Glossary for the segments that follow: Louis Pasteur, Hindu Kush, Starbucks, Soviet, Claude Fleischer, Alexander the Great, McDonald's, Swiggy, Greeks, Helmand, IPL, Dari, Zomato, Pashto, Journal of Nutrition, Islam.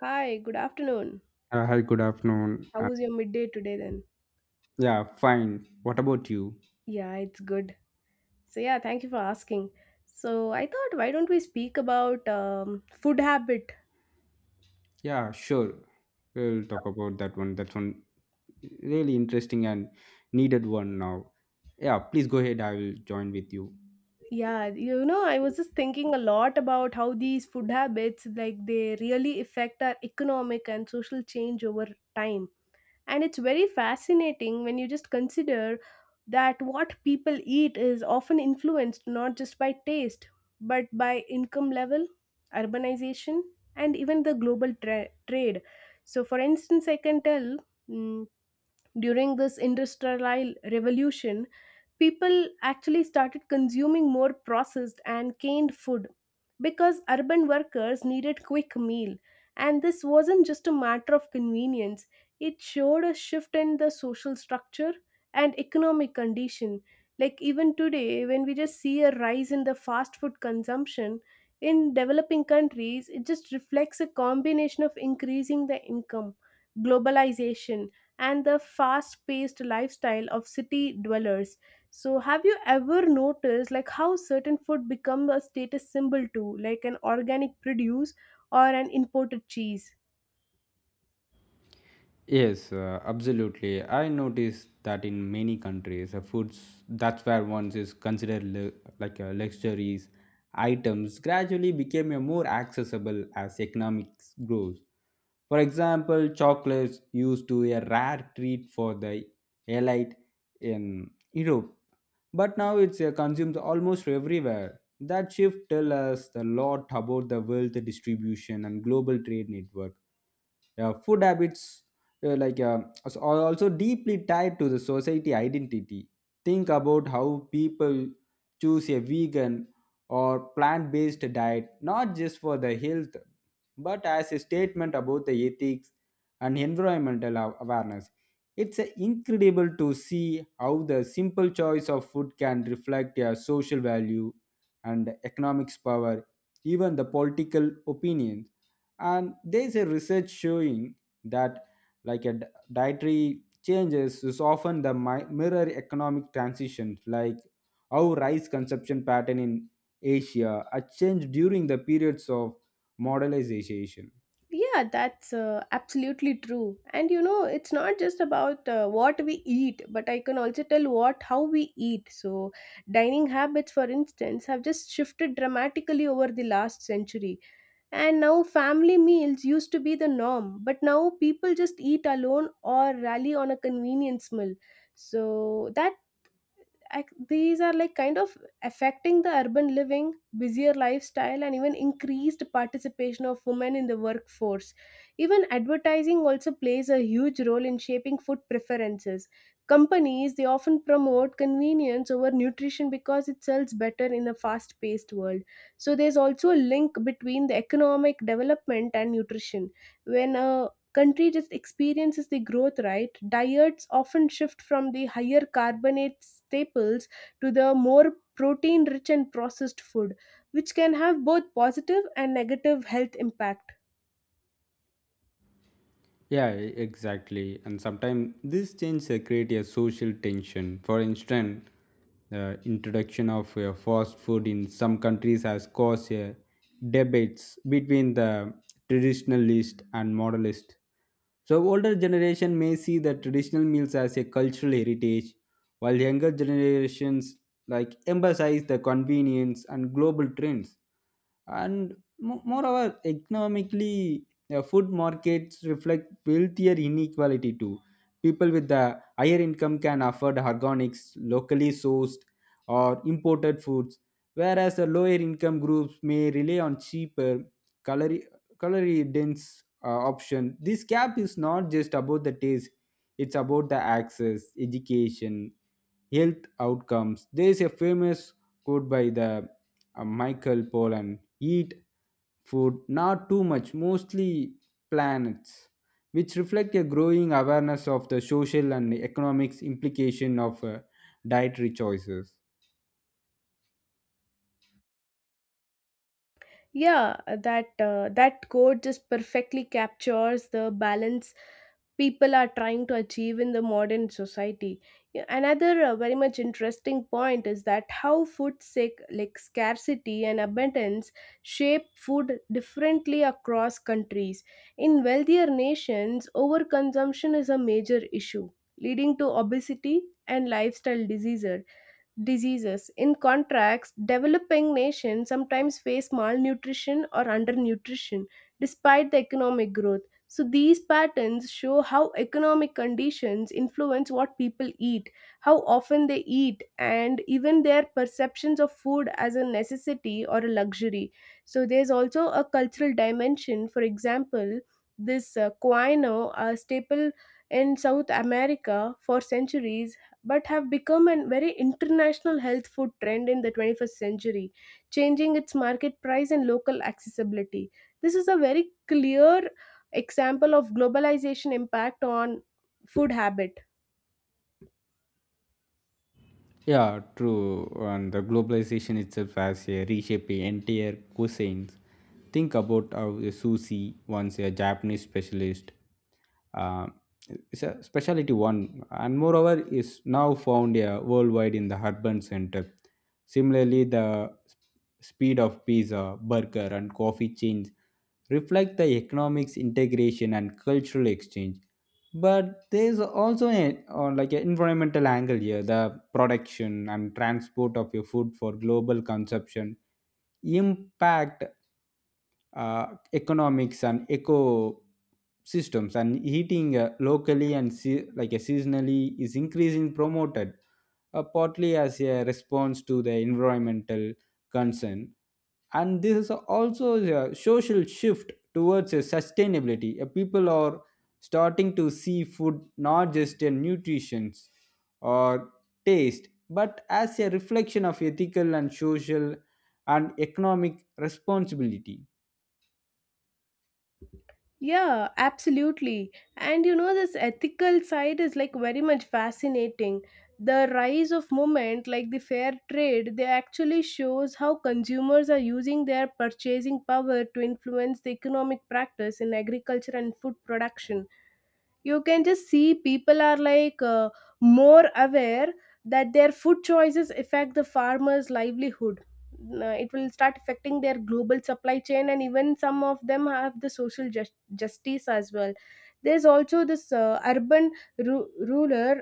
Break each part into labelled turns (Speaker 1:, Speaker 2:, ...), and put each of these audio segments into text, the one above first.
Speaker 1: Hi, good afternoon.
Speaker 2: Hi, good afternoon.
Speaker 1: How was your midday today then?
Speaker 2: Yeah, fine. What about you?
Speaker 1: Yeah, it's good. So, yeah, thank you for asking. So, I thought, why don't we speak about food habit?
Speaker 2: Yeah, sure. We'll talk about that one. That's one really interesting and needed one now. Yeah, please go ahead. I will join with you.
Speaker 1: Yeah, I was just thinking a lot about how these food habits, like, they really affect our economic and social change over time. And it's very fascinating when you just consider that what people eat is often influenced not just by taste, but by income level, urbanization, and even the global trade. So for instance, I can tell, mm, during this industrial revolution people actually started consuming more processed and canned food because urban workers needed quick meal. And this wasn't just a matter of convenience, it showed a shift in the social structure and economic condition. Like even today, when we just see a rise in the fast food consumption in developing countries, it just reflects a combination of increasing the income, globalization, and the fast paced lifestyle of city dwellers. So, have you ever noticed like how certain food become a status symbol too, like an organic produce or an imported cheese?
Speaker 2: Yes, absolutely. I noticed that in many countries, foods that's where ones is considered like luxuries items gradually became a more accessible as economics grows. For example, chocolates used to a rare treat for the elite in Europe, but now it's consumed almost everywhere. That shift tells us a lot about the wealth distribution and global trade network. Yeah, food habits, like are also deeply tied to the society identity. Think about how people choose a vegan or plant-based diet, not just for the health but as a statement about the ethics and environmental awareness. It's incredible to see how the simple choice of food can reflect a social value and economics power, even the political opinions. And there's a research showing that, like, a dietary changes is often the mirror economic transition, like how rice consumption pattern in Asia are changed during the periods of modernization.
Speaker 1: Yeah, that's absolutely true. And it's not just about what we eat, but I can also tell what how we eat. So, dining habits, for instance, have just shifted dramatically over the last century. And now, family meals used to be the norm, but now people just eat alone or rally on a convenience meal. So these are like kind of affecting the urban living busier lifestyle and even increased participation of women in the workforce. Even advertising also plays a huge role in shaping food preferences. Companies, they often promote convenience over nutrition because it sells better in a fast paced world. So there's also a link between the economic development and nutrition. When a country just experiences the growth, right, diets often shift from the higher carbonate staples to the more protein rich and processed food, which can have both positive and negative health impact.
Speaker 2: Yeah, exactly. And sometimes this change create a social tension. For instance, the introduction of fast food in some countries has caused debates between the traditionalist and modernist. So older generation may see the traditional meals as a cultural heritage, while younger generations like emphasize the convenience and global trends. And moreover, economically, food markets reflect wealthier inequality too. People with the higher income can afford organics, locally sourced, or imported foods, whereas the lower income groups may rely on cheaper, calorie-dense option. This gap is not just about the taste; it's about the access, education, health outcomes. There is a famous quote by the Michael Pollan: "Eat food, not too much, mostly planets." Which reflect a growing awareness of the social and economics implication of dietary choices.
Speaker 1: Yeah, that that quote just perfectly captures the balance people are trying to achieve in the modern society. Yeah, another very much interesting point is that how food sick like scarcity and abundance shape food differently across countries. In wealthier nations, overconsumption is a major issue, leading to obesity and lifestyle diseases. In contrast, developing nations sometimes face malnutrition or undernutrition despite the economic growth. So, these patterns show how economic conditions influence what people eat, how often they eat, and even their perceptions of food as a necessity or a luxury. So, there's also a cultural dimension. For example, this quinoa, a staple in South America for centuries, but have become a very international health food trend in the 21st century, changing its market price and local accessibility. This is a very clear example of globalization impact on food habit.
Speaker 2: Yeah, true. And the globalization itself has reshaped the entire cuisines. Think about how a sushi, once a Japanese specialist, uh, it's a specialty one, and moreover is now found worldwide in the urban center. Similarly, the speed of pizza, burger, and coffee chains reflect the economics integration and cultural exchange. But there is also or like an environmental angle here. The production and transport of your food for global consumption impact uh, economics and eco systems, and heating locally and like a seasonally is increasing promoted, partly as a response to the environmental concern. And this is also a social shift towards a sustainability. People are starting to see food not just in nutrition or taste but as a reflection of ethical and social and economic responsibility.
Speaker 1: Yeah, absolutely. And this ethical side is like very much fascinating. The rise of movement like the fair trade, they actually shows how consumers are using their purchasing power to influence the economic practice in agriculture and food production. You can just see people are like more aware that their food choices affect the farmers livelihood. It will start affecting their global supply chain, and even some of them have the social justice as well. There's also this urban ruler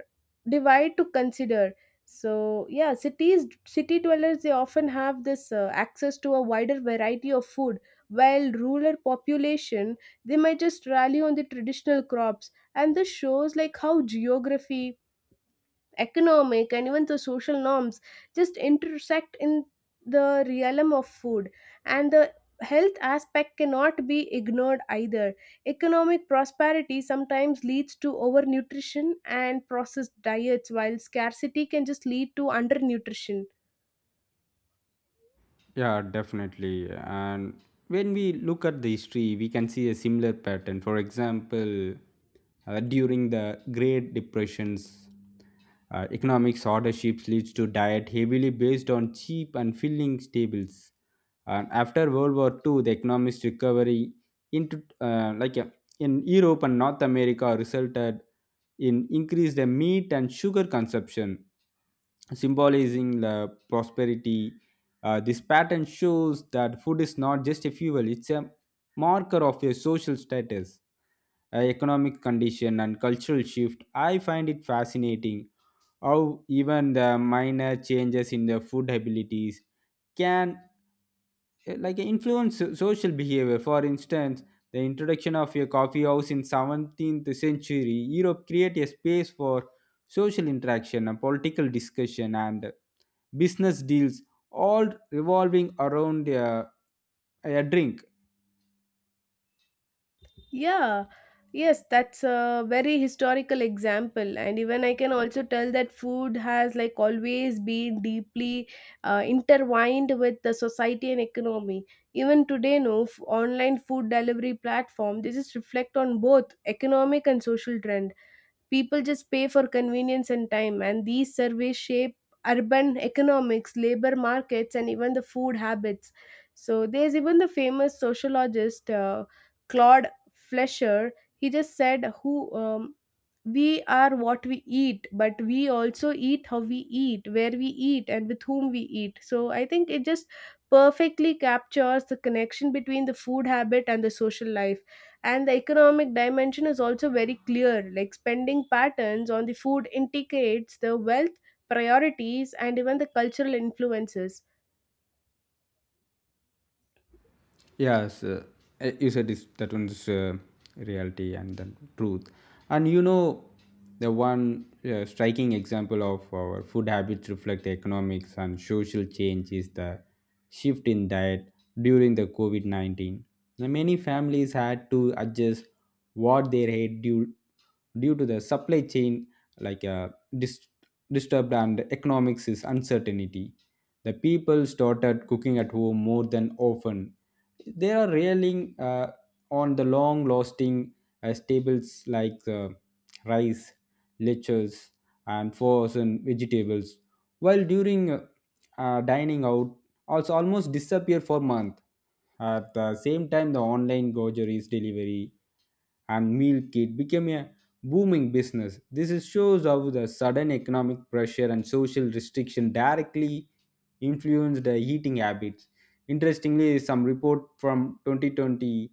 Speaker 1: divide to consider. So yeah, cities city dwellers, they often have this access to a wider variety of food, while rural population, they might just rally on the traditional crops. And this shows like how geography, economic, and even the social norms just intersect in the realm of food. And the health aspect cannot be ignored either. Economic prosperity sometimes leads to overnutrition and processed diets, while scarcity can just lead to undernutrition.
Speaker 2: Yeah, definitely. And when we look at the history, we can see a similar pattern. For example, during the Great Depressions, economic shortages leads to diet heavily based on cheap and filling staples. And after World War II, the economic recovery into like in Europe and North America resulted in increased meat and sugar consumption, symbolizing the prosperity. This pattern shows that food is not just a fuel, it's a marker of your social status, economic condition, and cultural shift. I find it fascinating how even the minor changes in the food abilities can like influence social behavior. For instance, the introduction of a coffee house in 17th century Europe create a space for social interaction and political discussion and business deals, all revolving around a drink.
Speaker 1: Yeah, yes, that's a very historical example. And even I can also tell that food has like always been deeply intertwined with the society and economy. Even today, no online food delivery platform, they just reflect on both economic and social trends. People just pay for convenience and time, and these surveys shape urban economics, labor markets, and even the food habits. So there's even the famous sociologist Claude Fleischer. He just said, "Who We are what we eat, but we also eat how we eat, where we eat, and with whom we eat." So I think it just perfectly captures the connection between the food habit and the social life. And the economic dimension is also very clear, like spending patterns on the food indicates the wealth priorities and even the cultural influences.
Speaker 2: Yes, you said this, that one's reality and the truth. And the one striking example of our food habits reflect the economics and social change is the shift in diet during the COVID-19. Now, many families had to adjust what they ate due to the supply chain, like dis- disturbed, and economics is uncertainty. The people started cooking at home more than often. They are railing on the long lasting staples like rice, leches, and frozen vegetables, while during dining out, also almost disappear for month. At the same time, the online groceries delivery and meal kit became a booming business. This is shows how the sudden economic pressure and social restriction directly influenced the eating habits. Interestingly, some report from 2020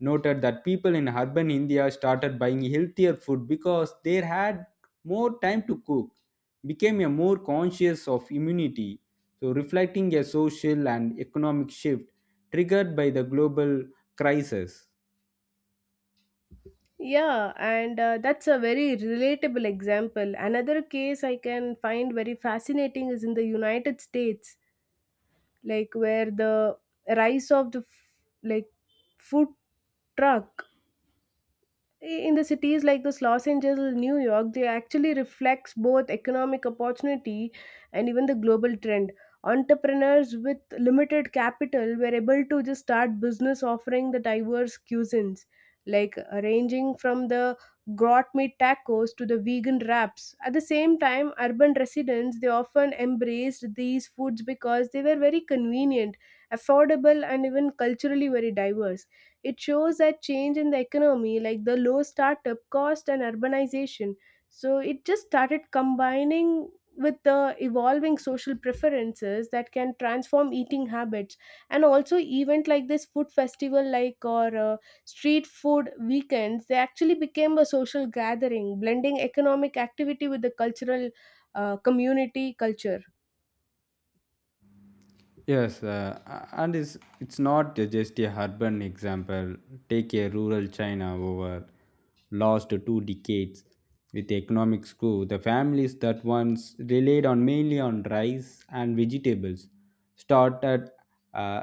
Speaker 2: noted that people in urban India started buying healthier food because they had more time to cook, became a more conscious of immunity. So, reflecting a social and economic shift triggered by the global crisis.
Speaker 1: Yeah, and that's a very relatable example. Another case I can find very fascinating is in the United States, like where the rise of the like food truck in the cities like this Los Angeles, New York, they actually reflects both economic opportunity and even the global trend. Entrepreneurs with limited capital were able to just start business offering the diverse cuisines, like ranging from the grot meat tacos to the vegan wraps. At the same time, urban residents, they often embraced these foods because they were very convenient, affordable, and even culturally very diverse. It shows a change in the economy, like the low startup cost and urbanization. So it just started combining with the evolving social preferences that can transform eating habits. And also event like this food festival, like, or street food weekends, they actually became a social gathering blending economic activity with the cultural community culture.
Speaker 2: Yes, and it's not just a urban example. Take a rural China over last 2 decades with economic screw. The families that once relied on mainly on rice and vegetables started uh,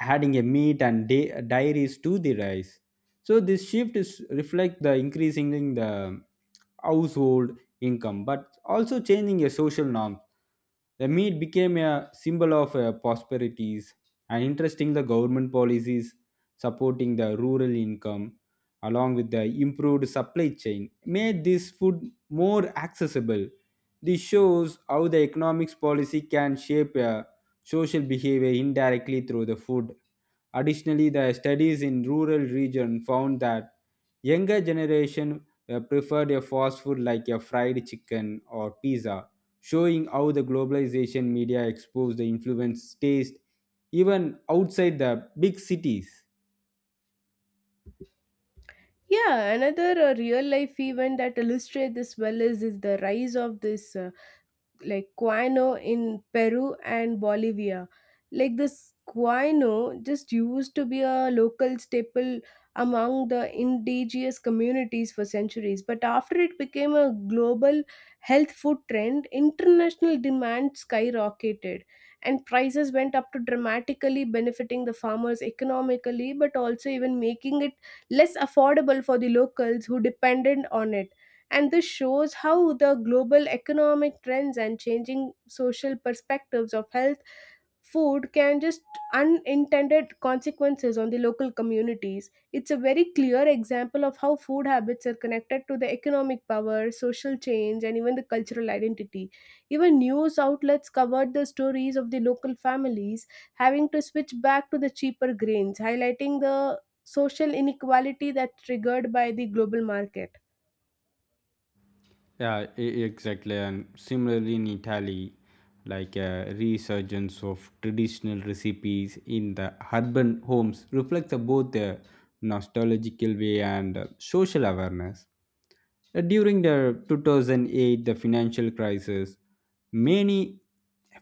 Speaker 2: adding a meat and dairies to the rice. So this shift is reflect the increasing in the household income, but also changing a social norm. The meat became a symbol of prosperities. And interesting, the government policies supporting the rural income, along with the improved supply chain, made this food more accessible. This shows how the economics policy can shape a social behavior indirectly through the food. Additionally, the studies in rural regions found that younger generation preferred a fast food like a fried chicken or pizza, showing how the globalization media exposed the influence taste even outside the big cities.
Speaker 1: Yeah, another real life event that illustrates this well is the rise of this like guano in Peru and Bolivia. Like this guano just used to be a local staple among the indigenous communities for centuries, but after it became a global health food trend, international demand skyrocketed and prices went up to dramatically benefiting the farmers economically, but also even making it less affordable for the locals who depended on it. And this shows how the global economic trends and changing social perspectives of health food can just unintended consequences on the local communities. It's a very clear example of how food habits are connected to the economic power, social change, and even the cultural identity. Even news outlets covered the stories of the local families having to switch back to the cheaper grains, highlighting the social inequality that triggered by the global market.
Speaker 2: Yeah, exactly. And similarly, in Italy, like a resurgence of traditional recipes in the urban homes reflects both the nostalgical way and social awareness. During the 2008 the financial crisis, many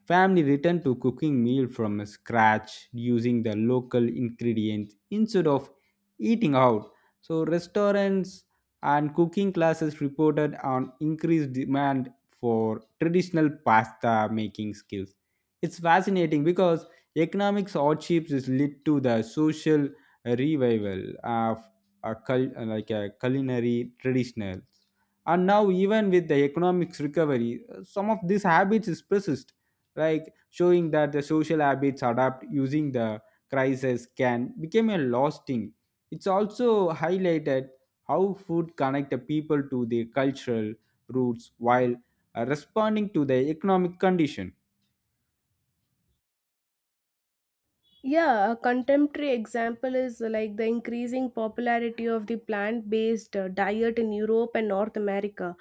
Speaker 2: families returned to cooking meal from scratch using the local ingredients instead of eating out. So restaurants and cooking classes reported on increased demand for traditional pasta making skills. It's fascinating because economic hardships is led to the social revival of a like a culinary traditionals. And now, even with the economics recovery, some of these habits is persist, like showing that the social habits adapt using the crisis can become a lasting. It's also highlighted how food connect the people to their cultural roots while responding to the economic condition.
Speaker 1: Yeah, a contemporary example is like the increasing popularity of the plant based diet in Europe and North America.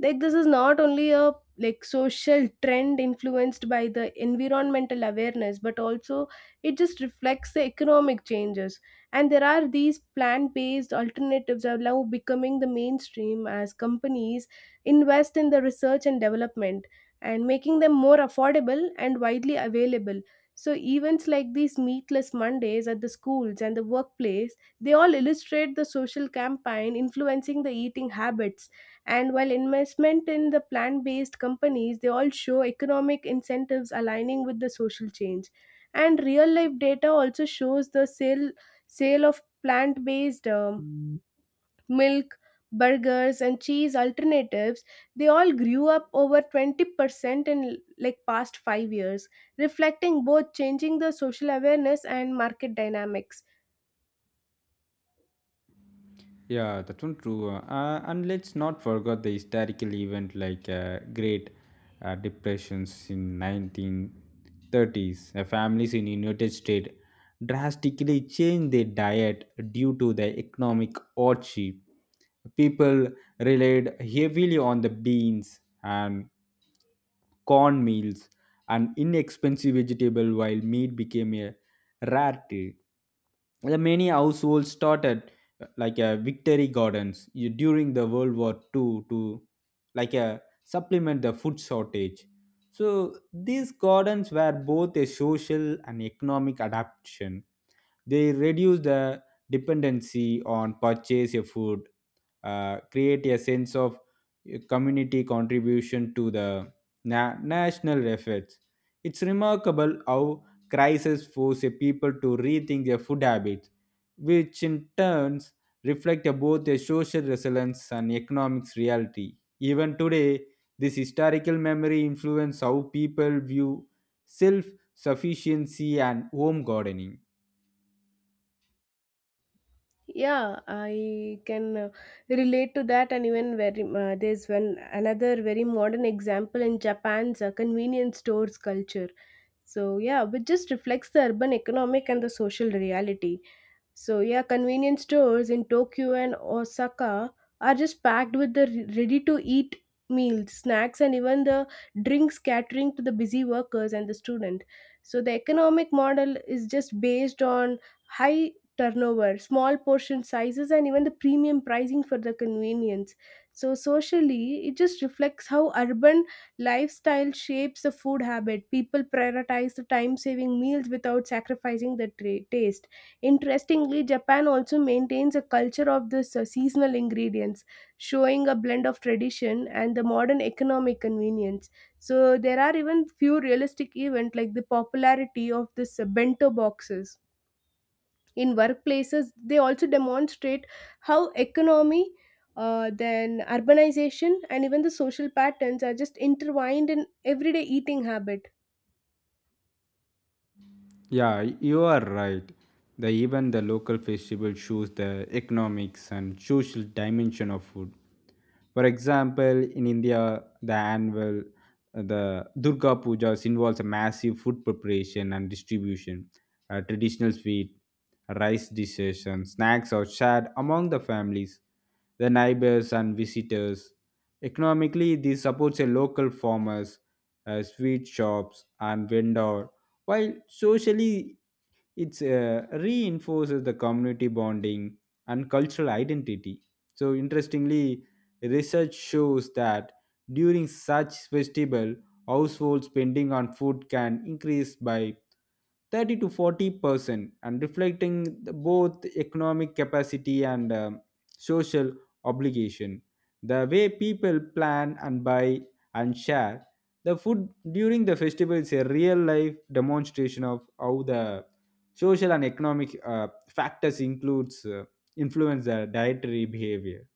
Speaker 1: Like, this is not only a like social trend influenced by the environmental awareness, but also it just reflects the economic changes. And there are these plant-based alternatives are now becoming the mainstream as companies invest in the research and development and making them more affordable and widely available. So events like these meatless Mondays at the schools and the workplace, they all illustrate the social campaign influencing the eating habits. And while investment in the plant-based companies, they all show economic incentives aligning with the social change. And real life data also shows the sale of plant-based milk, burgers, and cheese alternatives, they all grew up over 20% in like past 5 years, reflecting both changing the social awareness and market dynamics.
Speaker 2: Yeah, that's one true. And let's not forget the historical event like Great Depressions in 1930s. Families in United States drastically changed their diet due to the economic hardship. People relied heavily on the beans and corn meals, and inexpensive vegetable while meat became a rarity. The many households started like a victory gardens during the World War II to like a supplement the food shortage. So these gardens were both a social and economic adaptation. They reduce the dependency on purchase of food, create a sense of community contribution to the national efforts. It's remarkable how crises force a people to rethink their food habits, which in turns reflect both a social resilience and economics reality. Even today, this historical memory influences how people view self sufficiency and home gardening.
Speaker 1: Yeah, I can relate to that, and even very there's one another very modern example in Japan's convenience stores culture. So yeah, which just reflects the urban economic and the social reality. So yeah, convenience stores in Tokyo and Osaka are just packed with the ready to eat meals, snacks, and even the drinks catering to the busy workers and the student. So the economic model is just based on high turnover, small portion sizes, and even the premium pricing for the convenience. So socially, it just reflects how urban lifestyle shapes the food habit. People prioritize the time saving meals without sacrificing the taste. Interestingly, Japan also maintains a culture of this seasonal ingredients, showing a blend of tradition and the modern economic convenience. So there are even few realistic events like the popularity of this bento boxes in workplaces. They also demonstrate how economy, then urbanization, and even the social patterns are just intertwined in everyday eating habit.
Speaker 2: Yeah, you are right. The even the local festival shows the economics and social dimension of food. For example, in India, the annual the Durga Pujas involves a massive food preparation and distribution. A traditional sweet, rice dishes, and snacks are shared among the families, the neighbors, and visitors. Economically, this supports a local farmers, sweet shops, and vendor, while socially, it reinforces the community bonding and cultural identity. So, interestingly, research shows that during such festival, household spending on food can increase by 30 to 40% and reflecting both economic capacity and social obligation. The way people plan and buy and share the food during the festival is a real life demonstration of how the social and economic factors includes influence the dietary behavior.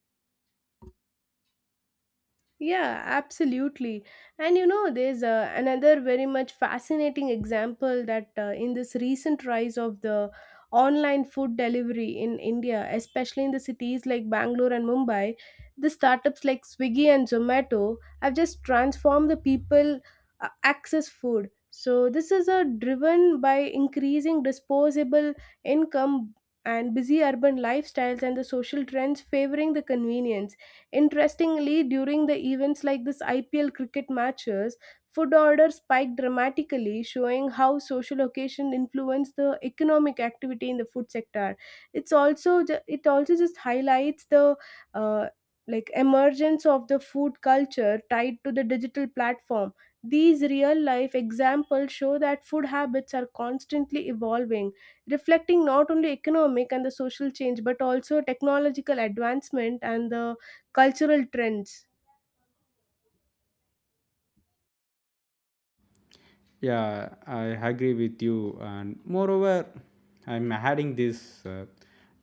Speaker 1: Yeah, absolutely. And there's another very much fascinating example that in this recent rise of the online food delivery in India, especially in the cities like Bangalore and Mumbai, the startups like Swiggy and Zomato have just transformed the people access food. So this is driven by increasing disposable income and busy urban lifestyles and the social trends favoring the convenience. Interestingly, during the events like this IPL cricket matches, food orders spiked dramatically, showing how social occasion influence the economic activity in the food sector. It also just highlights the uh, emergence of the food culture tied to the digital platform. These real life examples show that food habits are constantly evolving, reflecting not only economic and the social change but also technological advancement and the cultural trends.
Speaker 2: Yeah, I agree with you. And moreover, I'm adding this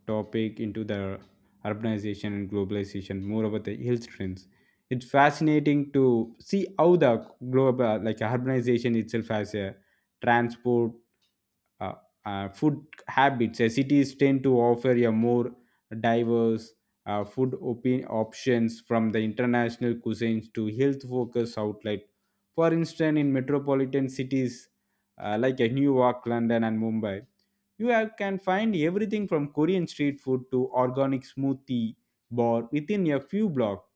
Speaker 2: topic into the urbanization and globalization, more about the health trends. It's fascinating to see how the global, like urbanization itself, has a transport uh, food habits. Cities tend to offer a more diverse food options from the international cuisines to health focused outlet. For instance, in metropolitan cities, like New York, London, and Mumbai, can find everything from Korean street food to organic smoothie bar within a few blocks.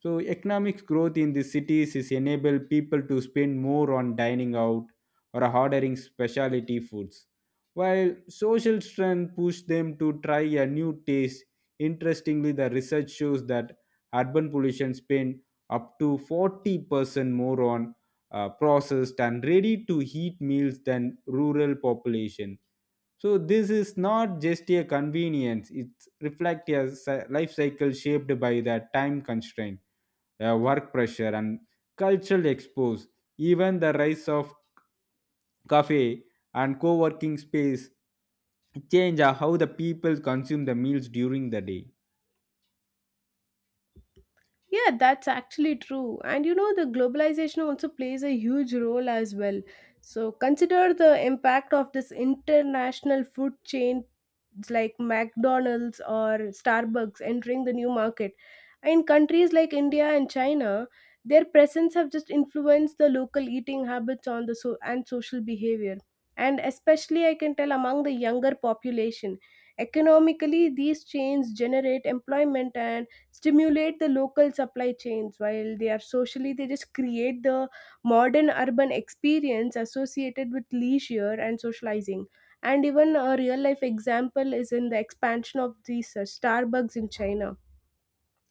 Speaker 2: So economic growth in the cities is enable people to spend more on dining out or ordering specialty foods, while social strength push them to try a new taste. Interestingly, the research shows that urban pollution spend up to 40% more on processed and ready to eat meals than rural population. So this is not just a convenience; it reflects a life cycle shaped by the time constraint, work pressure, and cultural expose. Even the rise of cafe and co-working space change how the people consume the meals during the day.
Speaker 1: Yeah, that's actually true. And you know, the globalization also plays a huge role as well. So consider the impact of this international food chain like McDonald's or Starbucks entering the new market. In countries like India and China, their presence have just influenced the local eating habits on the so- and social behavior. And especially I can tell among the younger population. Economically, these chains generate employment and stimulate the local supply chains, while they are socially they just create the modern urban experience associated with leisure and socializing. And even a real life example is in the expansion of these Starbucks in China.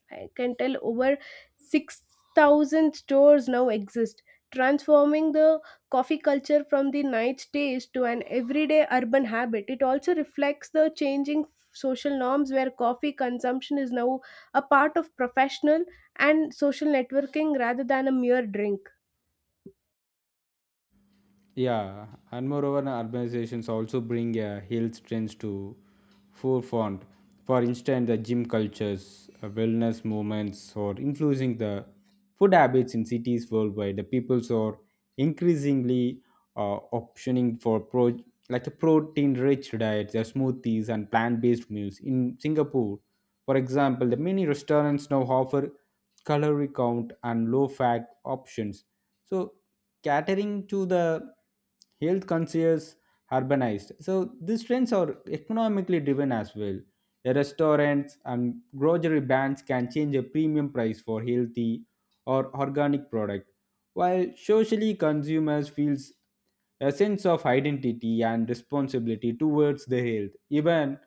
Speaker 1: I can tell over 6,000 stores now exist, transforming the coffee culture from the night taste to an everyday urban habit. It also reflects the changing social norms where coffee consumption is now a part of professional and social networking rather than a mere drink.
Speaker 2: Yeah, and moreover, the urbanizations also bring health trends to forefront. For instance, the gym cultures, wellness movements, or influencing the food habits in cities worldwide. The peoples are increasingly optioning for pro like a protein-rich diets, the smoothies, and plant-based meals. In Singapore, for example, the many restaurants now offer calorie count and low-fat options. So catering to the health conscious urbanized. So these trends are economically driven as well. A restaurants and grocery brands can change a premium price for healthy or organic product, while socially consumers feels a sense of identity and responsibility towards their health. Even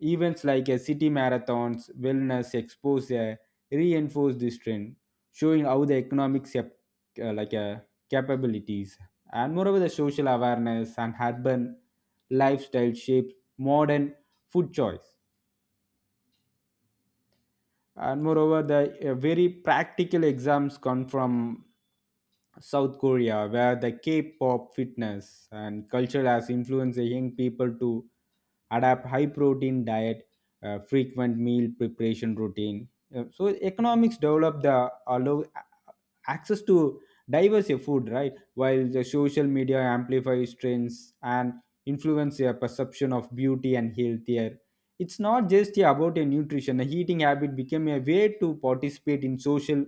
Speaker 2: events like a city marathons, wellness exposure reinforce this trend, showing how the economic like capabilities and moreover the social awareness and urban lifestyle shapes modern food choice. And moreover, the very practical exams come from South Korea, where the K-pop fitness and culture has influenced the young people to adapt high protein diet, frequent meal preparation routine. So economics develop the allow access to diverse food, right, while the social media amplifies trends and influence their perception of beauty and healthier. It's not just, yeah, about a nutrition. A eating habit became a way to participate in social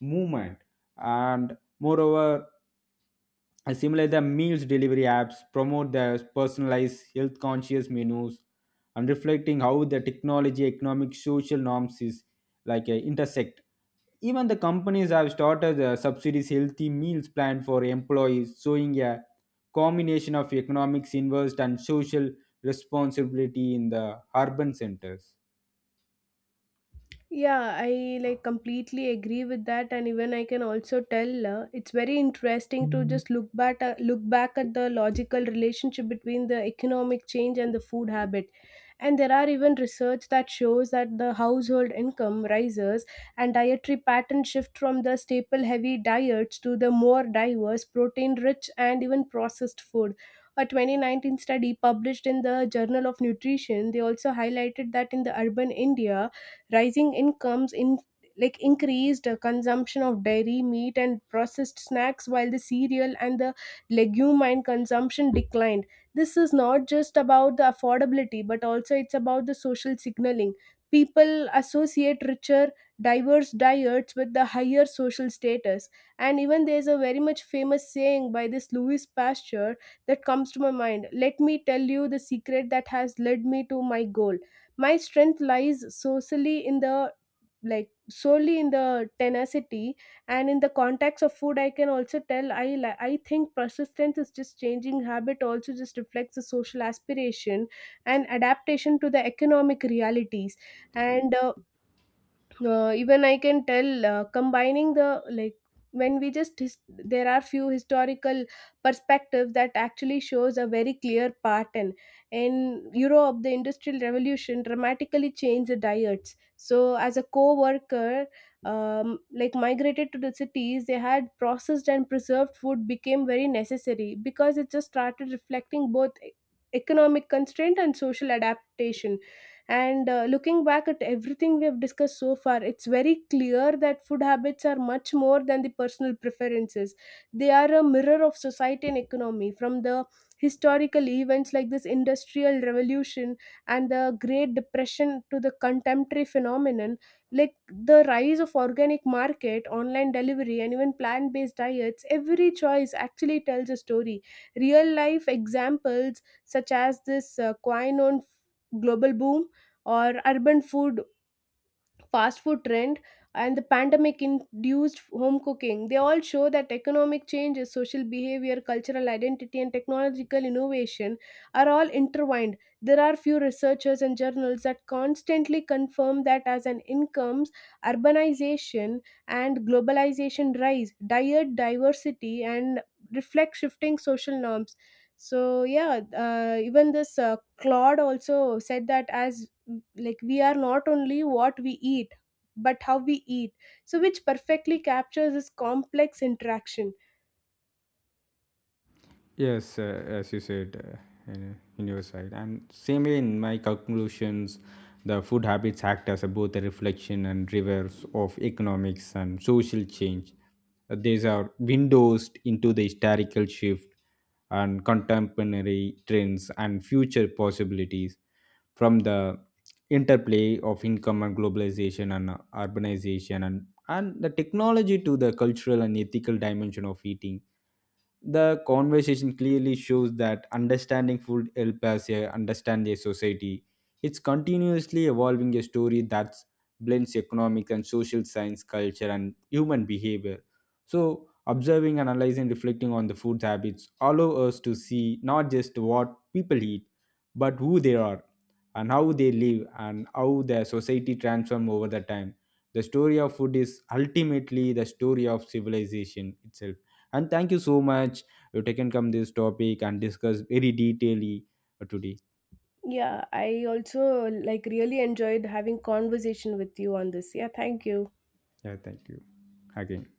Speaker 2: movement, and moreover, similar the meals delivery apps promote the personalized, health conscious menus, and reflecting how the technology, economic, social norms is like intersect. Even the companies have started the subsidies healthy meals plan for employees, showing a combination of economics, invest, and social responsibility in the urban centers.
Speaker 1: Yeah, I like completely agree with that, and even I can also tell it's very interesting to just look back, look back at the logical relationship between the economic change and the food habit. And there are even research that shows that the household income rises and dietary patterns shift from the staple heavy diets to the more diverse, protein rich, and even processed food. A 2019 study published in the Journal of Nutrition, they also highlighted that in the urban India, rising incomes in increased consumption of dairy meat and processed snacks while the cereal and the legume and consumption declined. This is not just about the affordability but also it's about the social signaling. People associate richer diverse diets with the higher social status. And even there's a very much famous saying by this Louis Pasteur that comes to my mind. Let me tell you the secret that has led me to my goal. My strength lies solely in the, solely in the tenacity. And in the context of food, I can also tell, I think persistence is just changing habit, also just reflects the social aspiration and adaptation to the economic realities. And even I can tell, combining the when we there are few historical perspectives that actually shows a very clear pattern. In Europe, the industrial revolution dramatically changed the diets. So as a co-worker migrated to the cities, they had processed and preserved food became very necessary, because it just started reflecting both economic constraint and social adaptation. And looking back at everything we have discussed so far, it's very clear that food habits are much more than the personal preferences. They are a mirror of society and economy, from the historical events like this industrial revolution and the great depression to the contemporary phenomenon like the rise of organic market, online delivery, and even plant based diets. Every choice actually tells a story. Real life examples such as this quinone global boom or urban food, fast food trend, and the pandemic induced home cooking, they all show that economic changes, social behavior, cultural identity, and technological innovation are all intertwined. There are few researchers and journals that constantly confirm that as an incomes, urbanization, and globalization rise, diet diversity and reflect shifting social norms. So yeah, even this Claude also said that, as like, we are not only what we eat but how we eat. So which perfectly captures this complex interaction.
Speaker 2: Yes, as you said, in your side, and same way in my conclusions, the food habits act as a, both a reflection and reverse of economics and social change. These are windows into the historical shift and contemporary trends and future possibilities, from the interplay of income and globalization and urbanization and the technology, to the cultural and ethical dimension of eating. The conversation clearly shows that understanding food helps us understand a society. It's continuously evolving a story that blends economic and social science, culture, and human behavior. So, observing, analyzing, reflecting on the food habits allow us to see not just what people eat, but who they are and how they live and how their society transforms over the time. The story of food is ultimately the story of civilization itself. And thank you so much. You taken come this topic and discuss very detailly today.
Speaker 1: Yeah, I also like really enjoyed having conversation with you on this. Yeah, thank you.
Speaker 2: Yeah, thank you again.